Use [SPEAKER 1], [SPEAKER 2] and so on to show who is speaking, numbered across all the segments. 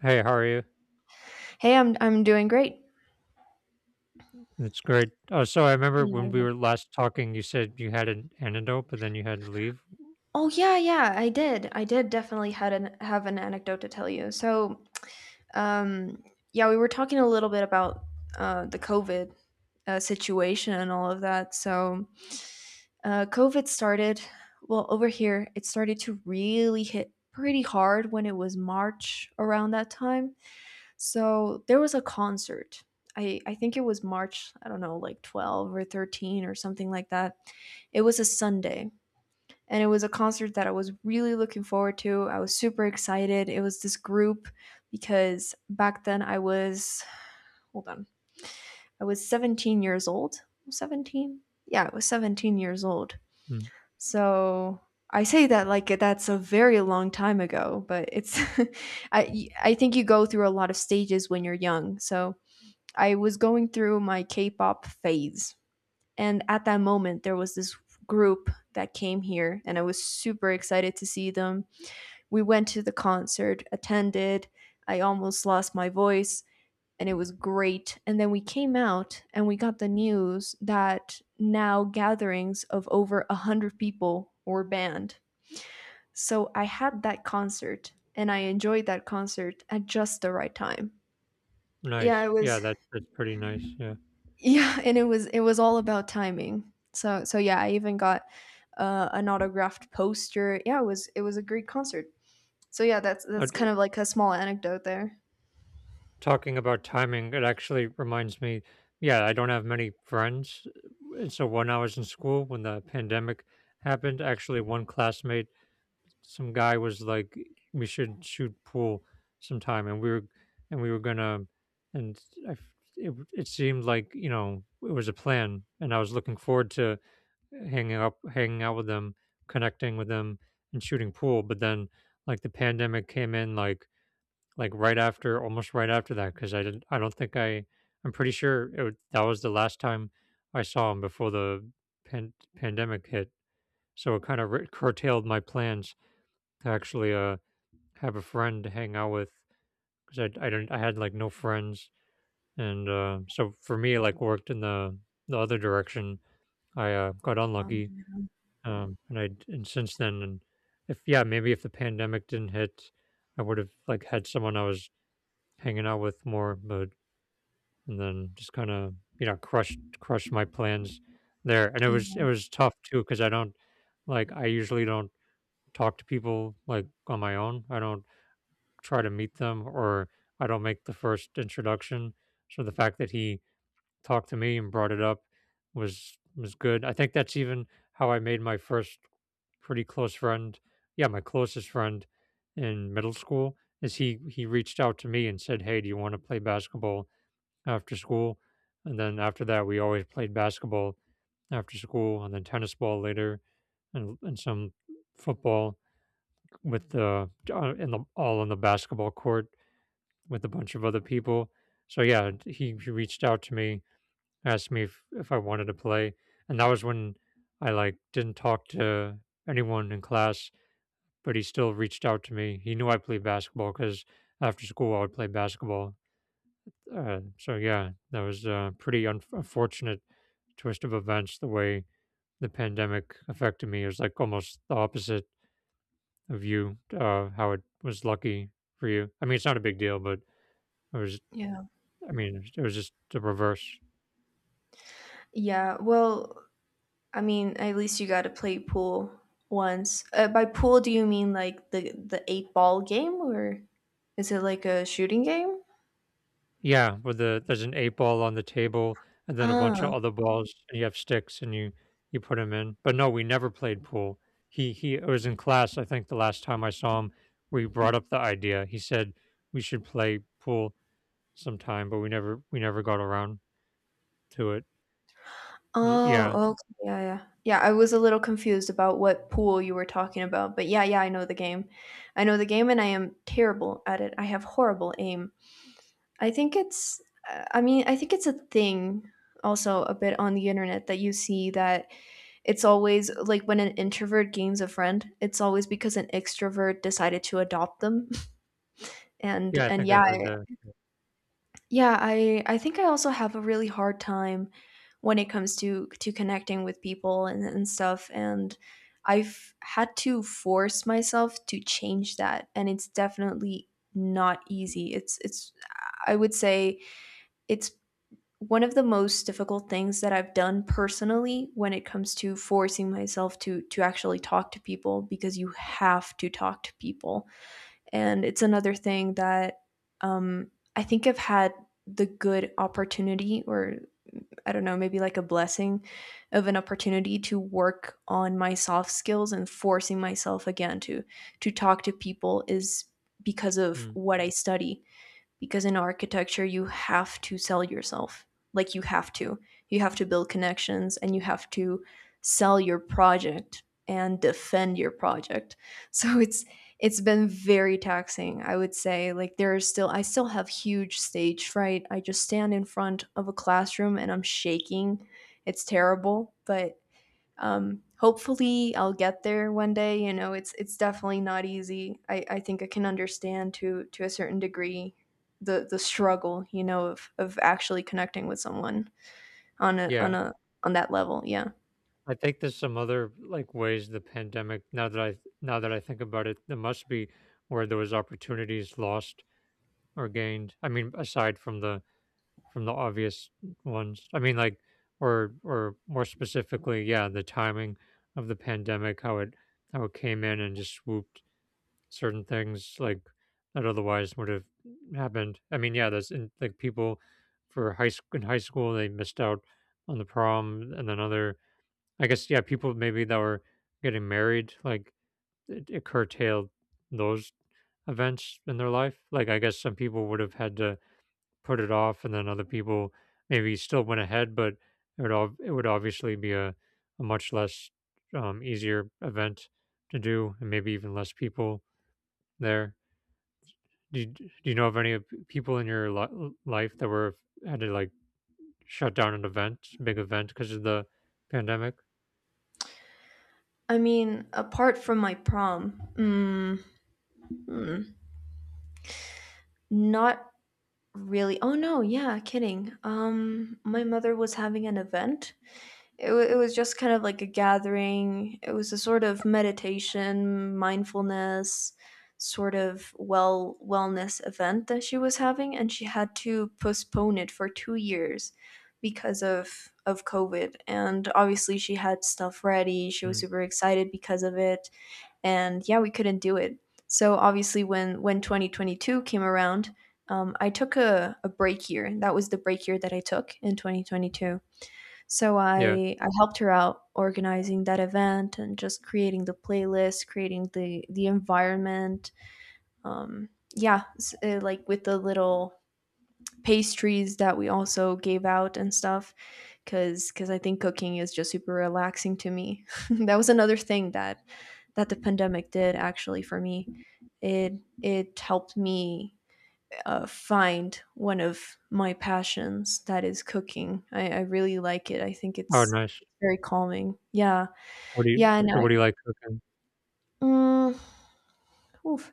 [SPEAKER 1] Hey, how are you?
[SPEAKER 2] Hey, I'm doing great.
[SPEAKER 1] That's great. Oh, so I remember
[SPEAKER 2] Yeah, I
[SPEAKER 1] when we
[SPEAKER 2] know.
[SPEAKER 1] were last talking, you said you had an antidote, but then you had to leave.
[SPEAKER 2] Oh yeah, yeah, I did. I did definitely had an have an anecdote to tell you. So, um, yeah, we were talking a little bit about the COVID situation and all of that. So, COVID started, well, over here, it started to really hit pretty hard when it was March around that time. So there was a concert. I think it was March, I don't know, like 12 or 13 or something like that. It was a Sunday, and it was a concert that I was really looking forward to. I was super excited. It was this group because back then I was hold on. I was 17 years old. 17? Yeah, I was 17 years old.
[SPEAKER 1] Mm.
[SPEAKER 2] So I say that like that's a very long time ago, but it's I think you go through a lot of stages when you're young. So I was going through my K-pop phase. And at that moment there was this group that came here and I was super excited to see them. We went to the concert, attended. I almost lost my voice, and it was great. And then we came out and we got the news that now gatherings of over 100 people were banned. So I had that concert and I enjoyed that concert at just the right time. Yeah,
[SPEAKER 1] Nice.
[SPEAKER 2] it
[SPEAKER 1] Yeah,
[SPEAKER 2] was
[SPEAKER 1] that's pretty nice. Yeah.
[SPEAKER 2] yeah, and it was all about timing. So, yeah, I even got an autographed poster. Yeah, it was a great concert. So yeah, that's
[SPEAKER 1] Uh,
[SPEAKER 2] that's
[SPEAKER 1] t-
[SPEAKER 2] kind of like a small anecdote there.
[SPEAKER 1] Talking about timing, it actually reminds me. Yeah, I don't have many friends. So when I was in school, when the pandemic happened, actually one classmate, some guy, was like, "We should shoot pool sometime," and we were gonna, and I f it seemed like it was a plan, and I was looking forward to hanging out with them, connecting with them, and shooting pool. But then like the pandemic came in like right after, almost right after that, because I didn't, I don't think I, I'm pretty sure that was the last time I saw him before the pandemic hit. So it kind of curtailed my plans to actually have a friend to hang out with, because I had like no friends, and so for me it like worked in the other direction. I got
[SPEAKER 2] Um,
[SPEAKER 1] unlucky, and since then, and if yeah, maybe if the pandemic didn't hit, I would have like had someone I was hanging out with more, but and then just kind of crushed my plans there, and it was it
[SPEAKER 2] Yeah.
[SPEAKER 1] was tough too, because I usually don't talk to people like on my own. I don't try to meet them, or I don't make the first introduction. So the fact that he talked to me and brought it up was good. I think that's even how I made my first pretty close friend. Yeah, my closest friend in middle school, is he reached out to me and said, "Hey, do you want to play basketball after school?" And then after that, we always played basketball after school, and then tennis ball later, and some football with the in the all on the basketball court with a bunch of other people. So yeah, he reached out to me, asked me if I wanted to play, and that was when I like didn't talk to anyone in class, but he still reached out to me. He knew I played basketball because after school I would play basketball. So yeah, that was a pretty unfortunate twist of events. The way the pandemic affected me, it was like almost the opposite of you. How it was lucky for you. I mean, it's not a big deal, but it was.
[SPEAKER 2] Yeah.
[SPEAKER 1] I mean, it was just the reverse.
[SPEAKER 2] Yeah, well, I mean, at least you got to play pool once. By pool, do you mean like the eight ball game, or is it like a shooting game?
[SPEAKER 1] Yeah, where there's an eight ball on the table and then a bunch
[SPEAKER 2] Ah.
[SPEAKER 1] of other balls, and you have sticks and you put them in. But no, we never played pool. He was in class, I think the last time I saw him, we brought up the idea. He said we should play pool sometime, but we never got around to it. Yeah.
[SPEAKER 2] Oh. Okay. Yeah. Yeah. Yeah, I was a little confused about what pool you were talking about, but yeah. Yeah, I know the game. I know the game, and I am terrible at it. I have horrible aim. I think it's. I mean, I think it's a thing, also a bit on the internet that you see that, it's always like when an introvert gains a friend, it's always because an extrovert decided to adopt them. And
[SPEAKER 1] Yeah, I
[SPEAKER 2] and
[SPEAKER 1] think I
[SPEAKER 2] yeah,
[SPEAKER 1] heard that.
[SPEAKER 2] yeah, I think I also have a really hard time when it comes to connecting with people and stuff, and I've had to force myself to change that, and it's definitely not easy. It's, I would say, it's one of the most difficult things that I've done personally when it comes to forcing myself to actually talk to people, because you have to talk to people. And it's another thing that I think I've had the good opportunity, or I don't know, maybe like a blessing of an opportunity to work on my soft skills, and forcing myself again to talk to people is because of
[SPEAKER 1] Mm.
[SPEAKER 2] what I study, because in architecture you have to sell yourself, like, you have to build connections and you have to sell your project and defend your project. So it's been very taxing, I would say. Like, there are still I still have huge stage fright. I just stand in front of a classroom and I'm shaking. It's terrible, but hopefully I'll get there one day. You know, it's definitely not easy. I think I can understand to a certain degree the struggle, you know, of actually connecting with someone on a
[SPEAKER 1] Yeah.
[SPEAKER 2] on that level. Yeah.
[SPEAKER 1] I think there's some other like ways the pandemic, now that I think about it, there must be, where there was opportunities lost or gained. I mean, aside from the obvious ones. I mean, like, or more specifically, yeah, the timing of the pandemic, how it came in and just swooped certain things like that otherwise would have happened. I mean, yeah, like, people for high school in high school, they missed out on the prom, and then other, I guess, yeah, people maybe that were getting married, like it curtailed those events in their life. Like, I guess some people would have had to put it off, and then other people maybe still went ahead, but it would obviously be a much less easier event to do, and maybe even less people there. Do you know of any of people in your life that were had to like shut down an event, big event, because of the pandemic?
[SPEAKER 2] I mean, apart from my prom, mm, not really. Oh no, yeah, kidding. My mother was having an event. It was just kind of like a gathering. It was a sort of meditation, mindfulness, sort of wellness event that she was having, and she had to postpone it for 2 years because of COVID. And obviously, she had stuff ready. She was
[SPEAKER 1] Mm.
[SPEAKER 2] super excited because of it, and yeah, we couldn't do it. So obviously, when 2022 came around, I took a break year. That was the break year that I took in 2022, so
[SPEAKER 1] Yeah.
[SPEAKER 2] I helped her out organizing that event and just creating the playlist, creating the environment. Um, yeah, like, with the little pastries that we also gave out and stuff, because I think cooking is just super relaxing to me. That was another thing that the pandemic did actually for me. It it helped me find one of my passions, that is, cooking. I really like it. I think
[SPEAKER 1] Oh,
[SPEAKER 2] it's
[SPEAKER 1] nice.
[SPEAKER 2] very calming. Yeah,
[SPEAKER 1] What do you?
[SPEAKER 2] yeah, and
[SPEAKER 1] So, what do you like cooking?
[SPEAKER 2] mm, oof.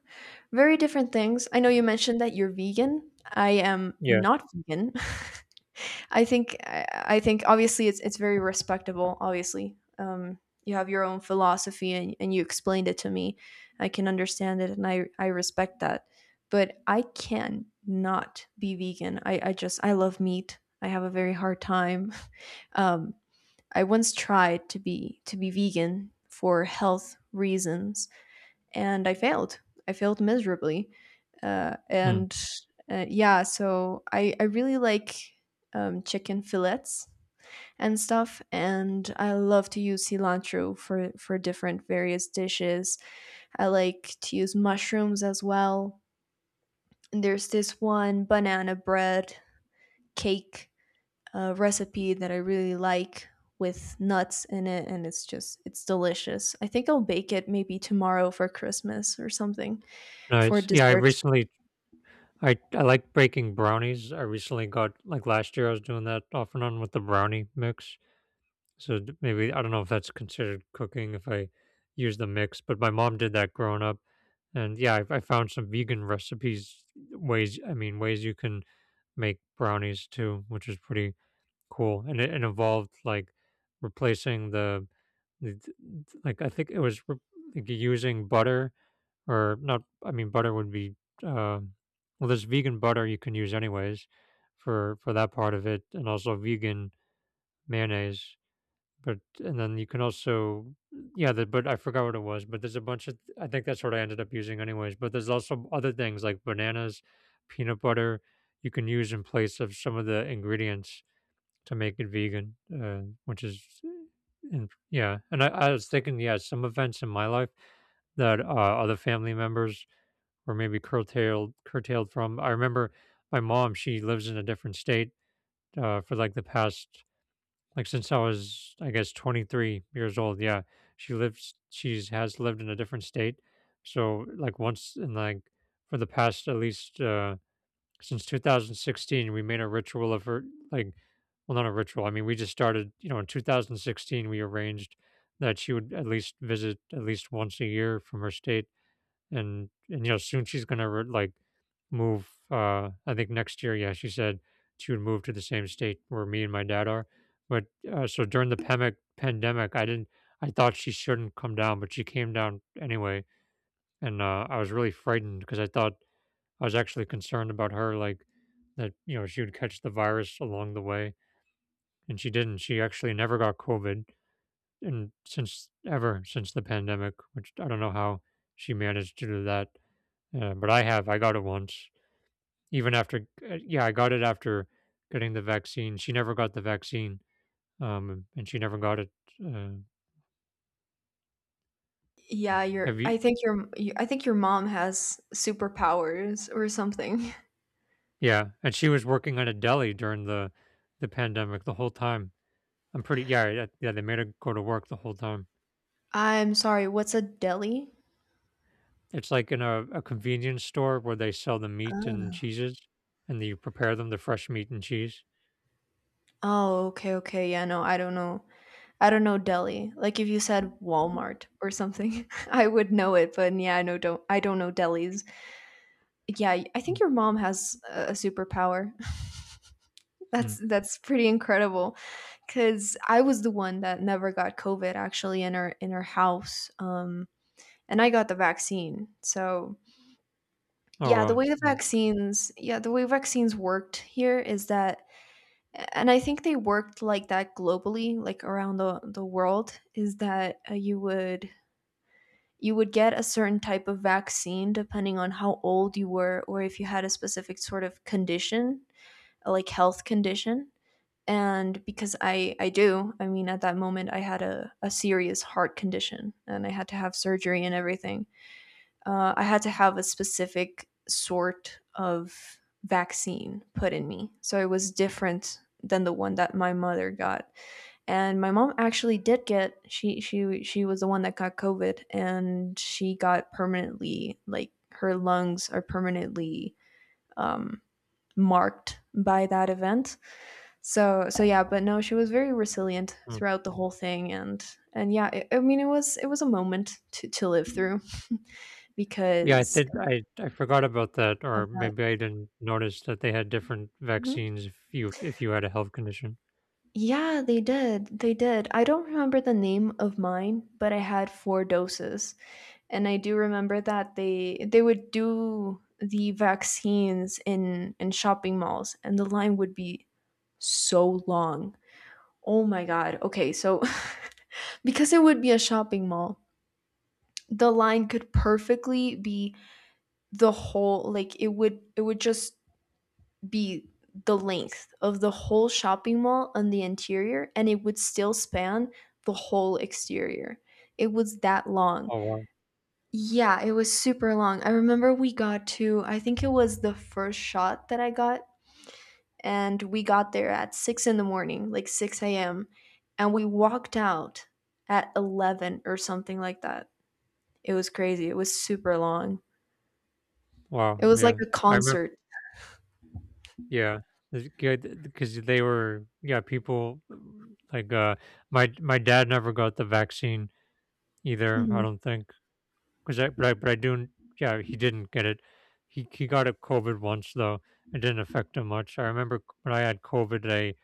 [SPEAKER 2] Very different things. I know you mentioned that you're vegan. I am
[SPEAKER 1] Yeah.
[SPEAKER 2] not vegan. I think I I think obviously it's very respectable. Obviously, you have your own philosophy, and you explained it to me. I can understand it, and I respect that. But I can not be vegan. I just, I love meat. I have a very hard time. Um, I once tried to be vegan for health reasons, and I failed. I failed miserably.
[SPEAKER 1] Mm.
[SPEAKER 2] And yeah, so I really like, chicken fillets and stuff. And I love to use cilantro for different various dishes. I like to use mushrooms as well. And there's this one banana bread cake recipe that I really like, with nuts in it, and it's just it's delicious. I think I'll bake it maybe tomorrow for Christmas or something for
[SPEAKER 1] Nice. Yeah, I
[SPEAKER 2] dessert.
[SPEAKER 1] recently I I like breaking brownies. I recently got, like, last year I was doing that off and on with the brownie mix. So maybe, I don't know if that's considered cooking if I use the mix, but my mom did that growing up. And yeah, I found some vegan recipes, ways. I mean, ways you can make brownies too, which is pretty cool. And it involved like replacing the, like, I think it was like using butter, or not, I mean butter would be, um well, there's vegan butter you can use anyways for that part of it, and also vegan mayonnaise. But and then you can also, yeah, but I forgot what it was, but there's a bunch of, I think that's what I ended up using anyways. But there's also other things, like bananas, peanut butter, you can use in place of some of the ingredients to make it vegan, which is. And yeah, and I was thinking, yeah, some events in my life that, other family members or maybe curtailed from. I remember my mom, she lives in a different state, for like the past, like since I was, I guess, 23 years old. Yeah. She's has lived in a different state. So like once in, like, for the past at least since 2016, we made a ritual of her, like, well, not a ritual. I mean, we just started, in 2016 we arranged that she would at least visit at least once a year from her state, and soon she's gonna like move, I think next year. Yeah, she said she would move to the same state where me and my dad are, but so during the pandemic, I thought she shouldn't come down, but she came down anyway. And I was really frightened, because I was actually concerned about her, like, that she would catch the virus along the way. And she actually never got COVID. And since Ever since the pandemic, which I don't know how she managed to do that. Yeah, but I have. I got it once. Even after, yeah, I got it after getting the vaccine. She never got the vaccine, and she never got it. Uh,
[SPEAKER 2] Yeah,
[SPEAKER 1] have
[SPEAKER 2] your
[SPEAKER 1] you?
[SPEAKER 2] I think your you- I think your mom has superpowers or something.
[SPEAKER 1] Yeah, and she was working at a deli during the pandemic the whole time. I'm pretty. Yeah, yeah, yeah, they made her go to work the whole time.
[SPEAKER 2] I'm sorry, what's a deli?
[SPEAKER 1] It's like in a convenience store where they sell the meat and
[SPEAKER 2] Ah.
[SPEAKER 1] cheeses, and you prepare them, the fresh meat and cheese.
[SPEAKER 2] Oh, okay, okay. Yeah, no, I don't know. I don't know deli. Like, if you said Walmart or something, I would know it, but yeah, I don't know delis. Yeah, I think your mom has a superpower.
[SPEAKER 1] Mhm.
[SPEAKER 2] That's pretty incredible because I was the one that never got COVID, actually, in her house, and I got the vaccine. So.
[SPEAKER 1] Oh,
[SPEAKER 2] Yeah,
[SPEAKER 1] wow.
[SPEAKER 2] the way the
[SPEAKER 1] Yeah.
[SPEAKER 2] vaccines yeah, the way vaccines worked here is that, and I think they worked like that globally, like around the world, is that you would get a certain type of vaccine depending on how old you were, or if you had a specific sort of condition, like, health condition. And because I do, I mean at that moment I had a serious heart condition and I had to have surgery and everything, I had to have a specific sort of vaccine put in me. So it was different than the one that my mother got. And my mom actually did get she was the one that got COVID, and she got permanently, like, her lungs are permanently um, marked by that event. So so yeah, but no, she was very resilient
[SPEAKER 1] Oh.
[SPEAKER 2] throughout the whole thing, and yeah, I mean, it was a moment to live through.
[SPEAKER 1] Yeah, I
[SPEAKER 2] Because
[SPEAKER 1] think I forgot about that, or
[SPEAKER 2] of.
[SPEAKER 1] maybe I didn't notice that they had different
[SPEAKER 2] Mhm.
[SPEAKER 1] vaccines if you had a health condition.
[SPEAKER 2] Yeah, they did. I don't remember the name of mine, but I had four doses. And I do remember that they would do the vaccines in shopping malls, and the line would be so long. Oh my god, okay, so because it would be a shopping mall, the line could perfectly be the whole, like, it would just be the length of the whole shopping mall on the interior, and it would still span the whole exterior. It was that long.
[SPEAKER 1] Oh, wow,
[SPEAKER 2] Yeah, it was super long. I remember we got to, I think it was the first shot that I got, and we got there at 6 in the morning, like 6 a.m., and we walked out at 11 or something like that. It was crazy. It was super long.
[SPEAKER 1] wow,
[SPEAKER 2] It was like
[SPEAKER 1] yeah.
[SPEAKER 2] a
[SPEAKER 1] I remember,
[SPEAKER 2] concert.
[SPEAKER 1] yeah, it's good, because they were, yeah, people like, my dad never got the vaccine either. I
[SPEAKER 2] Mhm,
[SPEAKER 1] don't think. But I do. Yeah, he didn't get it. He got it, COVID once though. It didn't affect him much. I remember, when I had COVID, I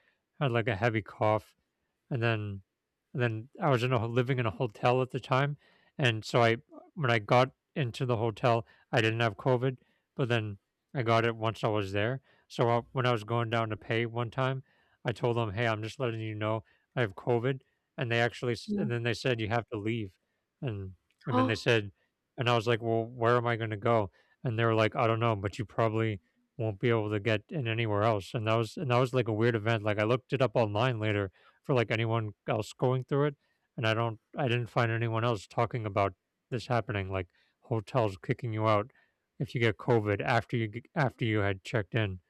[SPEAKER 1] had like a heavy cough, and then and then I was in a living in a hotel at the time, and so, I when I got into the hotel, I didn't have COVID, but then I got it once I was there. When I was going down to pay one time, I told them, "Hey, I'm just letting you know I have COVID," and
[SPEAKER 2] yeah.
[SPEAKER 1] and then they said you have to leave, and and then they
[SPEAKER 2] Oh,
[SPEAKER 1] said, and I was like, "Well, where am I going to go?" And they were like, "I don't know, but you probably won't be able to get in anywhere else." And that was like a weird event. Like, I looked it up online later for, like, anyone else going through it, and I didn't find anyone else talking about this happening, like, hotels kicking you out if you get covid after you had checked in.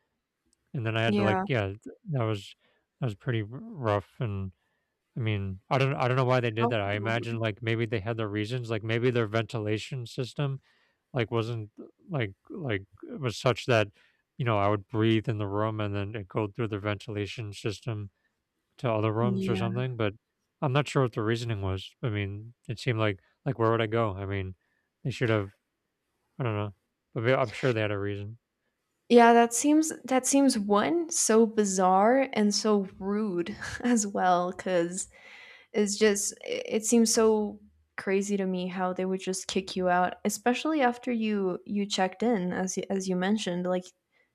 [SPEAKER 1] And then I had to like
[SPEAKER 2] yeah.
[SPEAKER 1] yeah th- that was that was pretty rough, and I mean, I don't know why they did
[SPEAKER 2] How
[SPEAKER 1] that. I imagine,
[SPEAKER 2] rude.
[SPEAKER 1] like, maybe they had their reasons, like, maybe their ventilation system, like, wasn't, like it was such that, you know, I would breathe in the room and then it go through the ventilation system to other rooms or
[SPEAKER 2] Yeah.
[SPEAKER 1] something. But I'm not sure what the reasoning was. I mean, it seemed like, where would I go? I mean, they should have. I don't know, but I'm sure they had a reason.
[SPEAKER 2] Yeah, that seems, 1, so bizarre and so rude as well. Because it's just I it seems so crazy to me how they would just kick you out, especially after you checked in, as you mentioned. Like,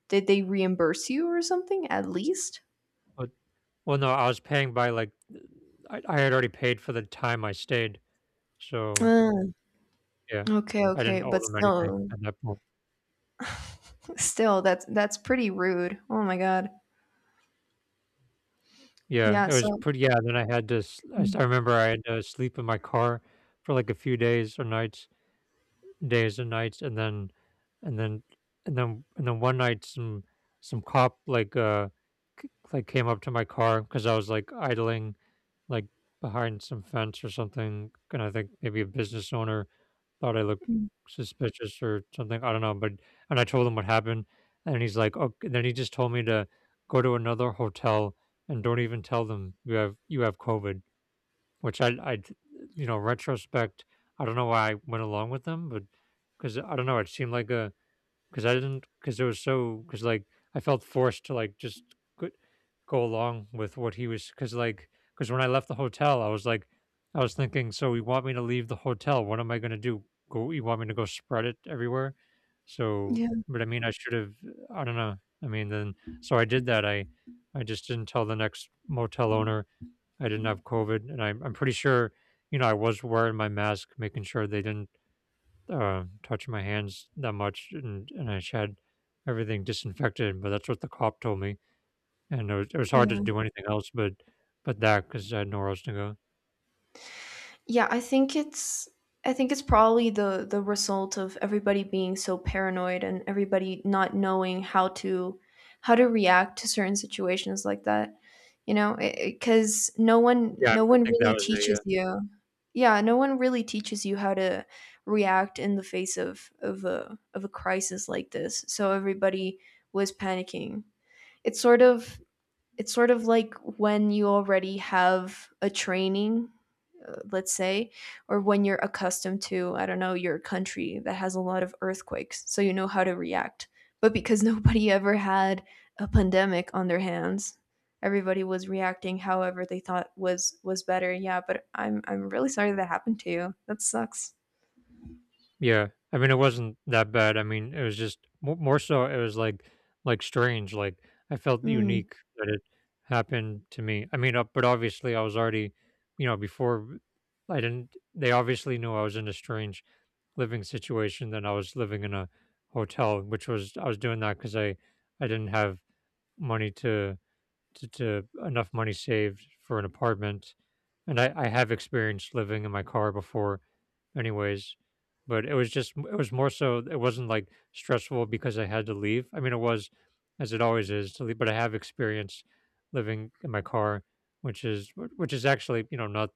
[SPEAKER 2] did they reimburse you or something at least?
[SPEAKER 1] But, well, no, I was paying by, like, I had already paid for the time I stayed, so
[SPEAKER 2] Mm,
[SPEAKER 1] yeah,
[SPEAKER 2] okay,
[SPEAKER 1] I
[SPEAKER 2] okay,
[SPEAKER 1] didn't owe
[SPEAKER 2] but
[SPEAKER 1] them anything
[SPEAKER 2] still,
[SPEAKER 1] at that point.
[SPEAKER 2] still, that's pretty rude. Oh my god.
[SPEAKER 1] Yeah,
[SPEAKER 2] Yeah,
[SPEAKER 1] it was
[SPEAKER 2] so.
[SPEAKER 1] pretty. Yeah, then I had to. I
[SPEAKER 2] Mm,
[SPEAKER 1] remember I had to sleep in my car for, like, a few days or nights, days and nights, and then and then one night, some cop, like, came up to my car because I was, like, idling, like, behind some fence or something, and I think maybe a business owner thought I looked
[SPEAKER 2] mm.
[SPEAKER 1] suspicious or something. I don't know. But and I told him what happened, and he's like, okay, then he just told me to go to another hotel and don't even tell them you have COVID, which I, you know, retrospect, I don't know why I went along with them. But, because I don't know, it seemed like a, because I didn't, because it was so, because, like, I felt forced to, like, just go, go along with what he was, because, like, because when I left the hotel, I was like, I was thinking, so you want me to leave the hotel? What am I gonna do? Go? You want me to go spread it everywhere? So,
[SPEAKER 2] Yeah,
[SPEAKER 1] but, I mean, I should have. I don't know. I mean, then, so I did that. I just didn't tell the next motel owner I didn't have COVID, and I'm pretty sure, you know, I was wearing my mask, making sure they didn't, touch my hands that much, and I had everything disinfected. But that's what the cop told me, and it was hard to
[SPEAKER 2] yeah.
[SPEAKER 1] do anything else, but that, because I had nowhere else to go.
[SPEAKER 2] Yeah, I think it's probably the result of everybody being so paranoid, and everybody not knowing how to react to certain situations like that. You know, because no one
[SPEAKER 1] Yeah, I
[SPEAKER 2] no
[SPEAKER 1] I
[SPEAKER 2] one
[SPEAKER 1] think that
[SPEAKER 2] really
[SPEAKER 1] was a uh.
[SPEAKER 2] teaches you. Yeah, no one really teaches you how to react in the face of a crisis like this. So everybody was panicking. It's sort of it's sort of like when you already have a training, let's say, or when you're accustomed to, I don't know, your country that has a lot of earthquakes, so you know how to react. But because nobody ever had a pandemic on their hands, everybody was reacting however they thought was better. Yeah, but I'm really sorry that happened to you. That sucks.
[SPEAKER 1] Yeah, I mean, it wasn't that bad. I mean, it was just mo more so it was, like, strange, like, I felt
[SPEAKER 2] Mm.
[SPEAKER 1] unique that it happened to me. I mean, but obviously I was already, you know, before, I didn't, they obviously knew I was in a strange living situation than I was living in a hotel, which was, I was doing that because I didn't have money to to enough money saved for an apartment, and I have experienced living in my car before anyways. But it was just, it was more so, it wasn't like stressful because I had to leave. I mean, it was, as it always is, to leave, but I have experience living in my car, which is actually, you know, not,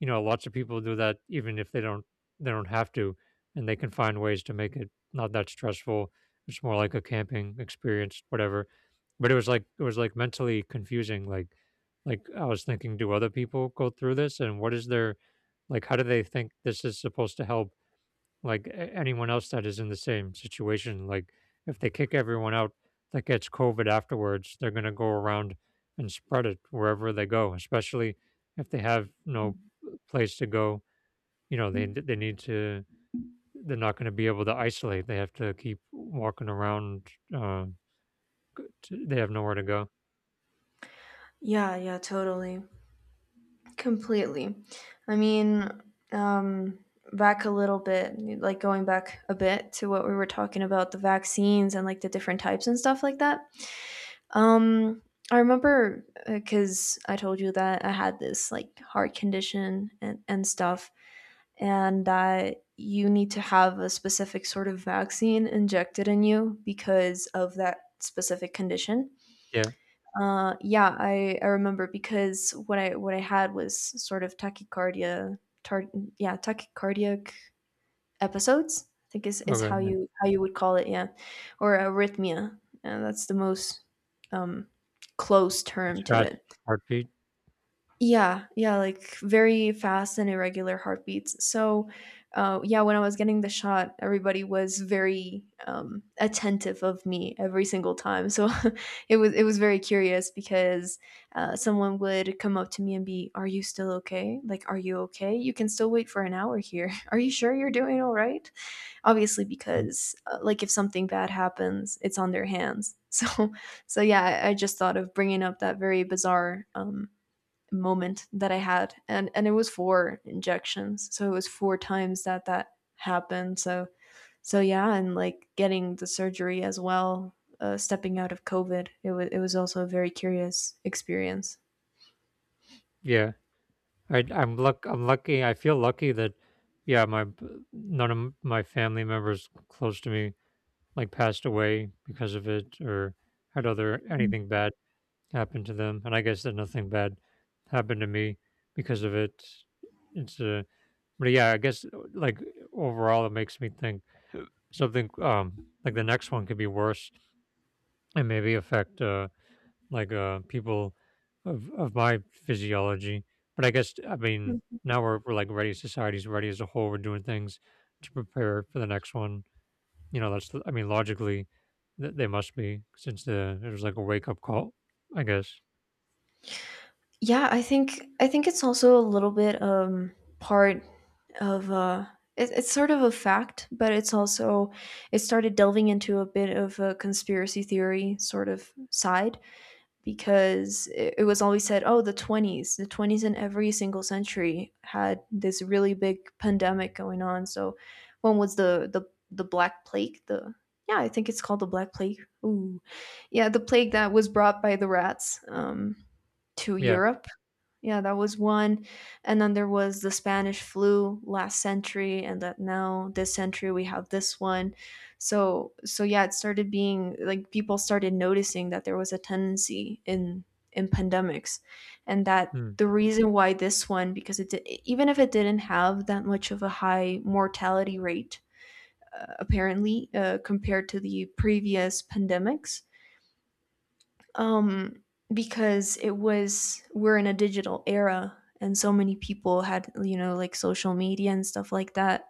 [SPEAKER 1] you know, lots of people do that, even if they don't have to, and they can find ways to make it not that stressful. It's more like a camping experience, whatever. But it was like mentally confusing. Like, I was thinking, do other people go through this, and what is their, like, how do they think this is supposed to help, like, anyone else that is in the same situation? Like, if they kick everyone out that gets COVID afterwards, they're going to go around and spread it wherever they go, especially if they have no place to go. You know, they Mm. they need to. They're not going to be able to isolate. They have to keep walking around. They have nowhere to go.
[SPEAKER 2] Yeah, yeah, totally. Completely. I mean, um, back a little bit, like going back a bit to what we were talking about, the vaccines and like the different types and stuff like that. Um, I remember because I told you that I had this like heart condition and stuff, and that you need to have a specific sort of vaccine injected in you because of that specific condition.
[SPEAKER 1] Yeah.
[SPEAKER 2] Yeah, I remember because what I had was sort of tachycardia, tar- yeah, tachycardiac episodes. I think is how
[SPEAKER 1] Okay.
[SPEAKER 2] you would call it, yeah, or arrhythmia. And that's the most um, close
[SPEAKER 1] It's
[SPEAKER 2] term to
[SPEAKER 1] fast
[SPEAKER 2] it.
[SPEAKER 1] heartbeat.
[SPEAKER 2] Yeah, yeah, like very fast and irregular heartbeats. So, yeah, when I was getting the shot, everybody was very attentive of me every single time. So it was very curious because someone would come up to me and be, "Are you still okay? Like, are you okay? You can still wait for an hour here. Are you sure you're doing all right?" Obviously,
[SPEAKER 1] Mm.
[SPEAKER 2] because like if something bad happens, it's on their hands. So so yeah, I just thought of bringing up that very bizarre. Moment that I had, and it was four injections, so it was four times that that happened. So so yeah, and like getting the surgery as well, stepping out of COVID, it was also a very curious experience.
[SPEAKER 1] Yeah. I'm lucky. I feel lucky that, yeah, none of my family members close to me, like, passed away because of it or had other
[SPEAKER 2] Mhm.
[SPEAKER 1] anything bad happen to them. And I guess that nothing bad happened to me because of it. It's a But yeah, I guess, like, overall it makes me think something, like, the next one could be worse and maybe affect, people of my physiology. But I guess, I mean, now we're like, ready. Society's ready as a whole. We're doing things to prepare for the next one. You know, that's, I mean, logically they must be, since the it was like a wake up call, I guess.
[SPEAKER 2] Yeah, I think it's also a little bit part of it's sort of a fact, but it's also it started delving into a bit of a conspiracy theory sort of side because it was always said, oh, the 20s, the 20s in every single century had this really big pandemic going on. So one was the the Black Plague, the yeah, I think it's called the Black Plague. Ooh, yeah, the plague that was brought by the rats, to
[SPEAKER 1] Yeah.
[SPEAKER 2] Europe. Yeah, that was one. And then there was the Spanish flu last century, and that now this century we have this one. So so yeah, it started being like people started noticing that there was a tendency in pandemics, and that
[SPEAKER 1] Hmm.
[SPEAKER 2] the reason why this one, because it did, even if it didn't have that much of a high mortality rate, apparently, compared to the previous pandemics, um, because it was we're in a digital era and so many people had, you know, like social media and stuff like that.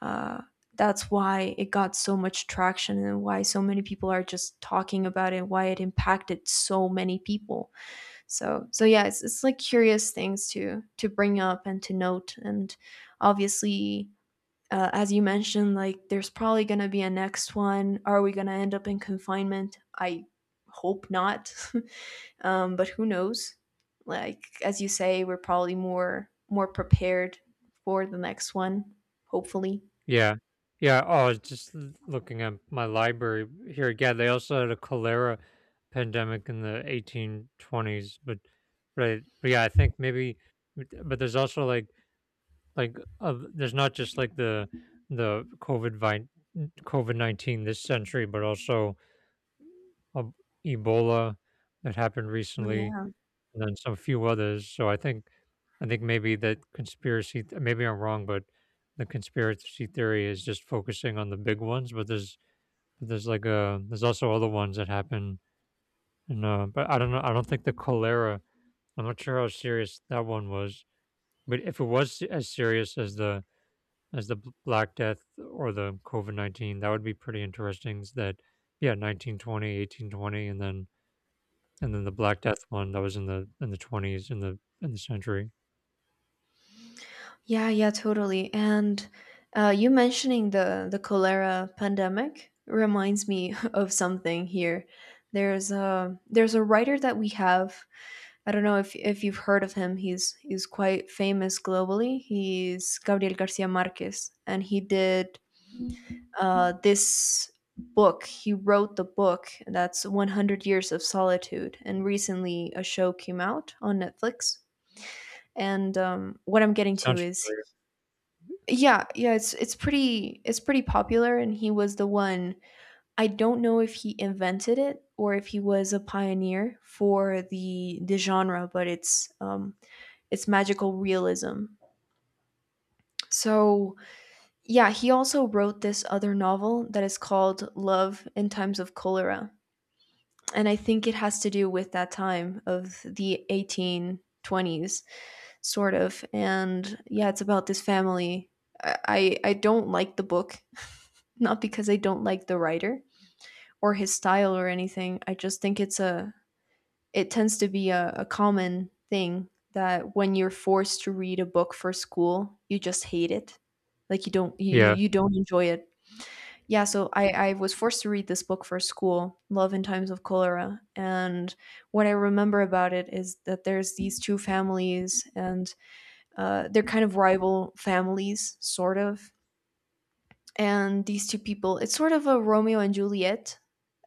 [SPEAKER 2] Uh, that's why it got so much traction and why so many people are just talking about it, why it impacted so many people. So, so yeah, it's like curious things to bring up and to note. And obviously, as you mentioned, like there's probably going to be a next one. Are we going to end up in confinement? I hope not. But who knows? Like as you say, we're probably more prepared for the next one. Hopefully.
[SPEAKER 1] Yeah. Yeah. Oh, I was just looking at my library here. Yeah, they also had a cholera pandemic in the 1820s, but yeah, I think maybe. But there's also, like, there's not just like the COVID 19 this century, but also, uh, Ebola that happened
[SPEAKER 2] Oh,
[SPEAKER 1] recently,
[SPEAKER 2] yeah.
[SPEAKER 1] and then some few others. So I think maybe that conspiracy. Maybe I'm wrong, but the conspiracy theory is just focusing on the big ones. But there's also other ones that happen. And but I don't know. I don't think the cholera. I'm not sure how serious that one was. But if it was as serious as Black Death or the COVID 19, that would be pretty interesting. Is That, yeah, 1920, 1820, and then the Black Death one that was in the 20s in the century.
[SPEAKER 2] Yeah. Yeah. Totally. And you mentioning the cholera pandemic reminds me of something here. There's a writer that we have. I don't know if you've heard of him. He's quite famous globally. He's Gabriel Garcia Marquez, and he did this book. He wrote the book that's 100 Years of Solitude, and recently a show came out on Netflix. And what I'm getting
[SPEAKER 1] It
[SPEAKER 2] to
[SPEAKER 1] sounds
[SPEAKER 2] is,
[SPEAKER 1] familiar.
[SPEAKER 2] yeah, yeah, it's pretty it's pretty popular, and he was the one. I don't know if he invented it or if he was a pioneer for the genre, but it's it's magical realism. So, yeah, he also wrote this other novel that is called Love in Times of Cholera. And I think it has to do with that time of the 1820s, sort of. And yeah, it's about this family. I don't like the book, not because I don't like the writer or his style or anything. I just think it tends to be a common thing that when you're forced to read a book for school, you just hate it. Like
[SPEAKER 1] Yeah.
[SPEAKER 2] you don't enjoy it. Yeah, so I was forced to read this book for school, Love in Times of Cholera. And what I remember about it is that there's these two families, and they're kind of rival families, sort of. And these two people, it's sort of a Romeo and Juliet,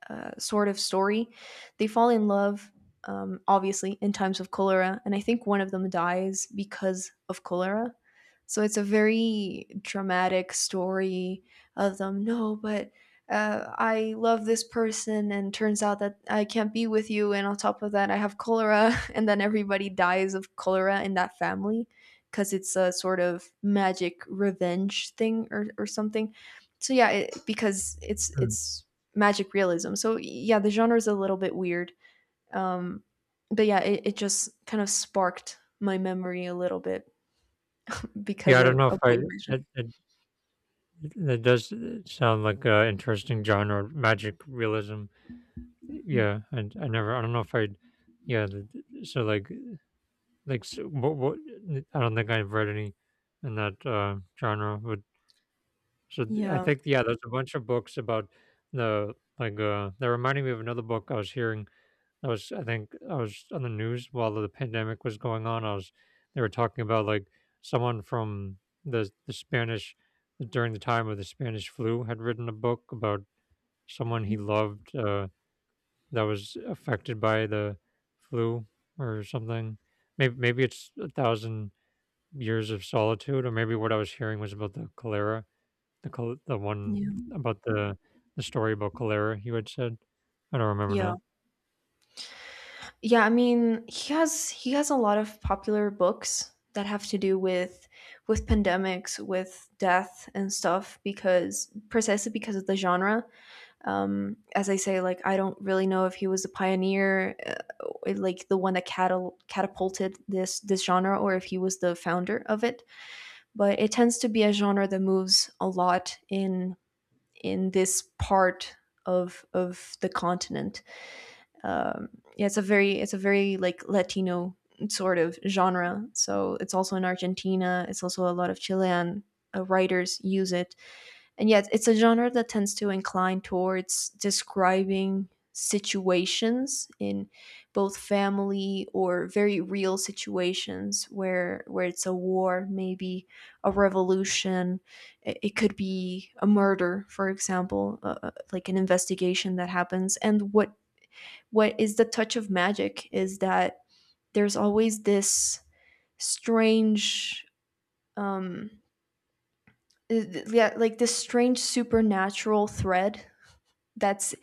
[SPEAKER 2] sort of story. They fall in love, obviously, in times of cholera, and I think one of them dies because of cholera. So it's a very dramatic story of them. No, but I love this person, and turns out that I can't be with you, and on top of that, I have cholera, and then everybody dies of cholera in that family because it's a sort of magic revenge thing, or something. So yeah, because
[SPEAKER 1] Mm.
[SPEAKER 2] it's magic realism. So yeah, the genre is a little bit weird. Um, but yeah, it just kind of sparked my memory a little bit because
[SPEAKER 1] Yeah, I don't know if
[SPEAKER 2] of
[SPEAKER 1] I
[SPEAKER 2] what you mentioned.
[SPEAKER 1] that, that, that does sound like an interesting genre, magic realism.
[SPEAKER 2] Mm.
[SPEAKER 1] Yeah, and I never, I don't know if I, yeah, the, so, like, so, what, I don't think I've read any in that genre. So I
[SPEAKER 2] Yeah.
[SPEAKER 1] think, yeah, there's a bunch of books about the, like, that reminded me of another book. I was hearing I was I think I was on the news while the pandemic was going on. I was They were talking about, like, someone from the Spanish, during the time of the Spanish flu, had written a book about someone he
[SPEAKER 2] Mhm.
[SPEAKER 1] loved, that was affected by the flu or something. Maybe it's a thousand years of solitude, or maybe what I was hearing was about the one
[SPEAKER 2] Yeah.
[SPEAKER 1] about the story about Calera you had said? I don't remember
[SPEAKER 2] Yeah.
[SPEAKER 1] now.
[SPEAKER 2] Yeah, I mean, he has a lot of popular books that have to do with pandemics, with death and stuff, because precisely because of the genre. As I say, like I don't really know if he was a pioneer, like the one that catapulted this genre, or if he was the founder of it. But it tends to be a genre that moves a lot in this part of the continent. Um, yeah, it's a very like Latino sort of genre. So it's also in Argentina. It's also a lot of Chilean writers use it. And yet it's a genre that tends to incline towards describing situations in both family or very real situations where it's a war, maybe a revolution. It could be a murder, for example, like an investigation that happens. And what is the touch of magic is that there's always this strange um yeah, like this strange supernatural thread that's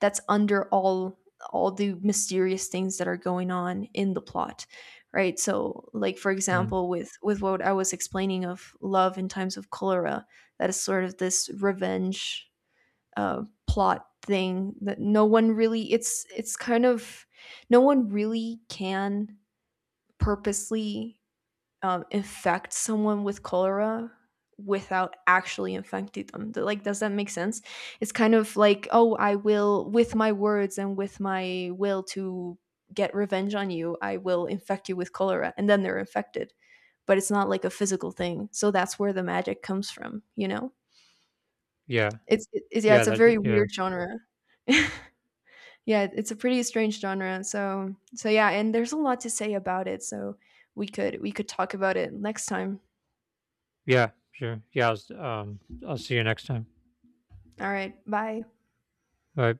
[SPEAKER 2] under all the mysterious things that are going on in the plot, right? So like for
[SPEAKER 1] Mm.
[SPEAKER 2] example with what I was explaining of Love in Times of Cholera, that is sort of this revenge, plot thing that no one really it's kind of no one really can purposely, infect someone with cholera without actually infecting them. Like, does that make sense? It's kind of like, oh, I will, with my words and with my will to get revenge on you, I will infect you with cholera. And then they're infected. But it's not like a physical thing. So that's where the magic comes from, you know?
[SPEAKER 1] Yeah.
[SPEAKER 2] It's, yeah,
[SPEAKER 1] Yeah,
[SPEAKER 2] it's a
[SPEAKER 1] that
[SPEAKER 2] very
[SPEAKER 1] yeah,
[SPEAKER 2] weird genre. yeah, it's a pretty strange genre. So, so yeah, and there's a lot to say about it. So we could talk about it next time.
[SPEAKER 1] yeah, sure. Yeah, I'll see you next time.
[SPEAKER 2] All right. Bye.
[SPEAKER 1] Bye.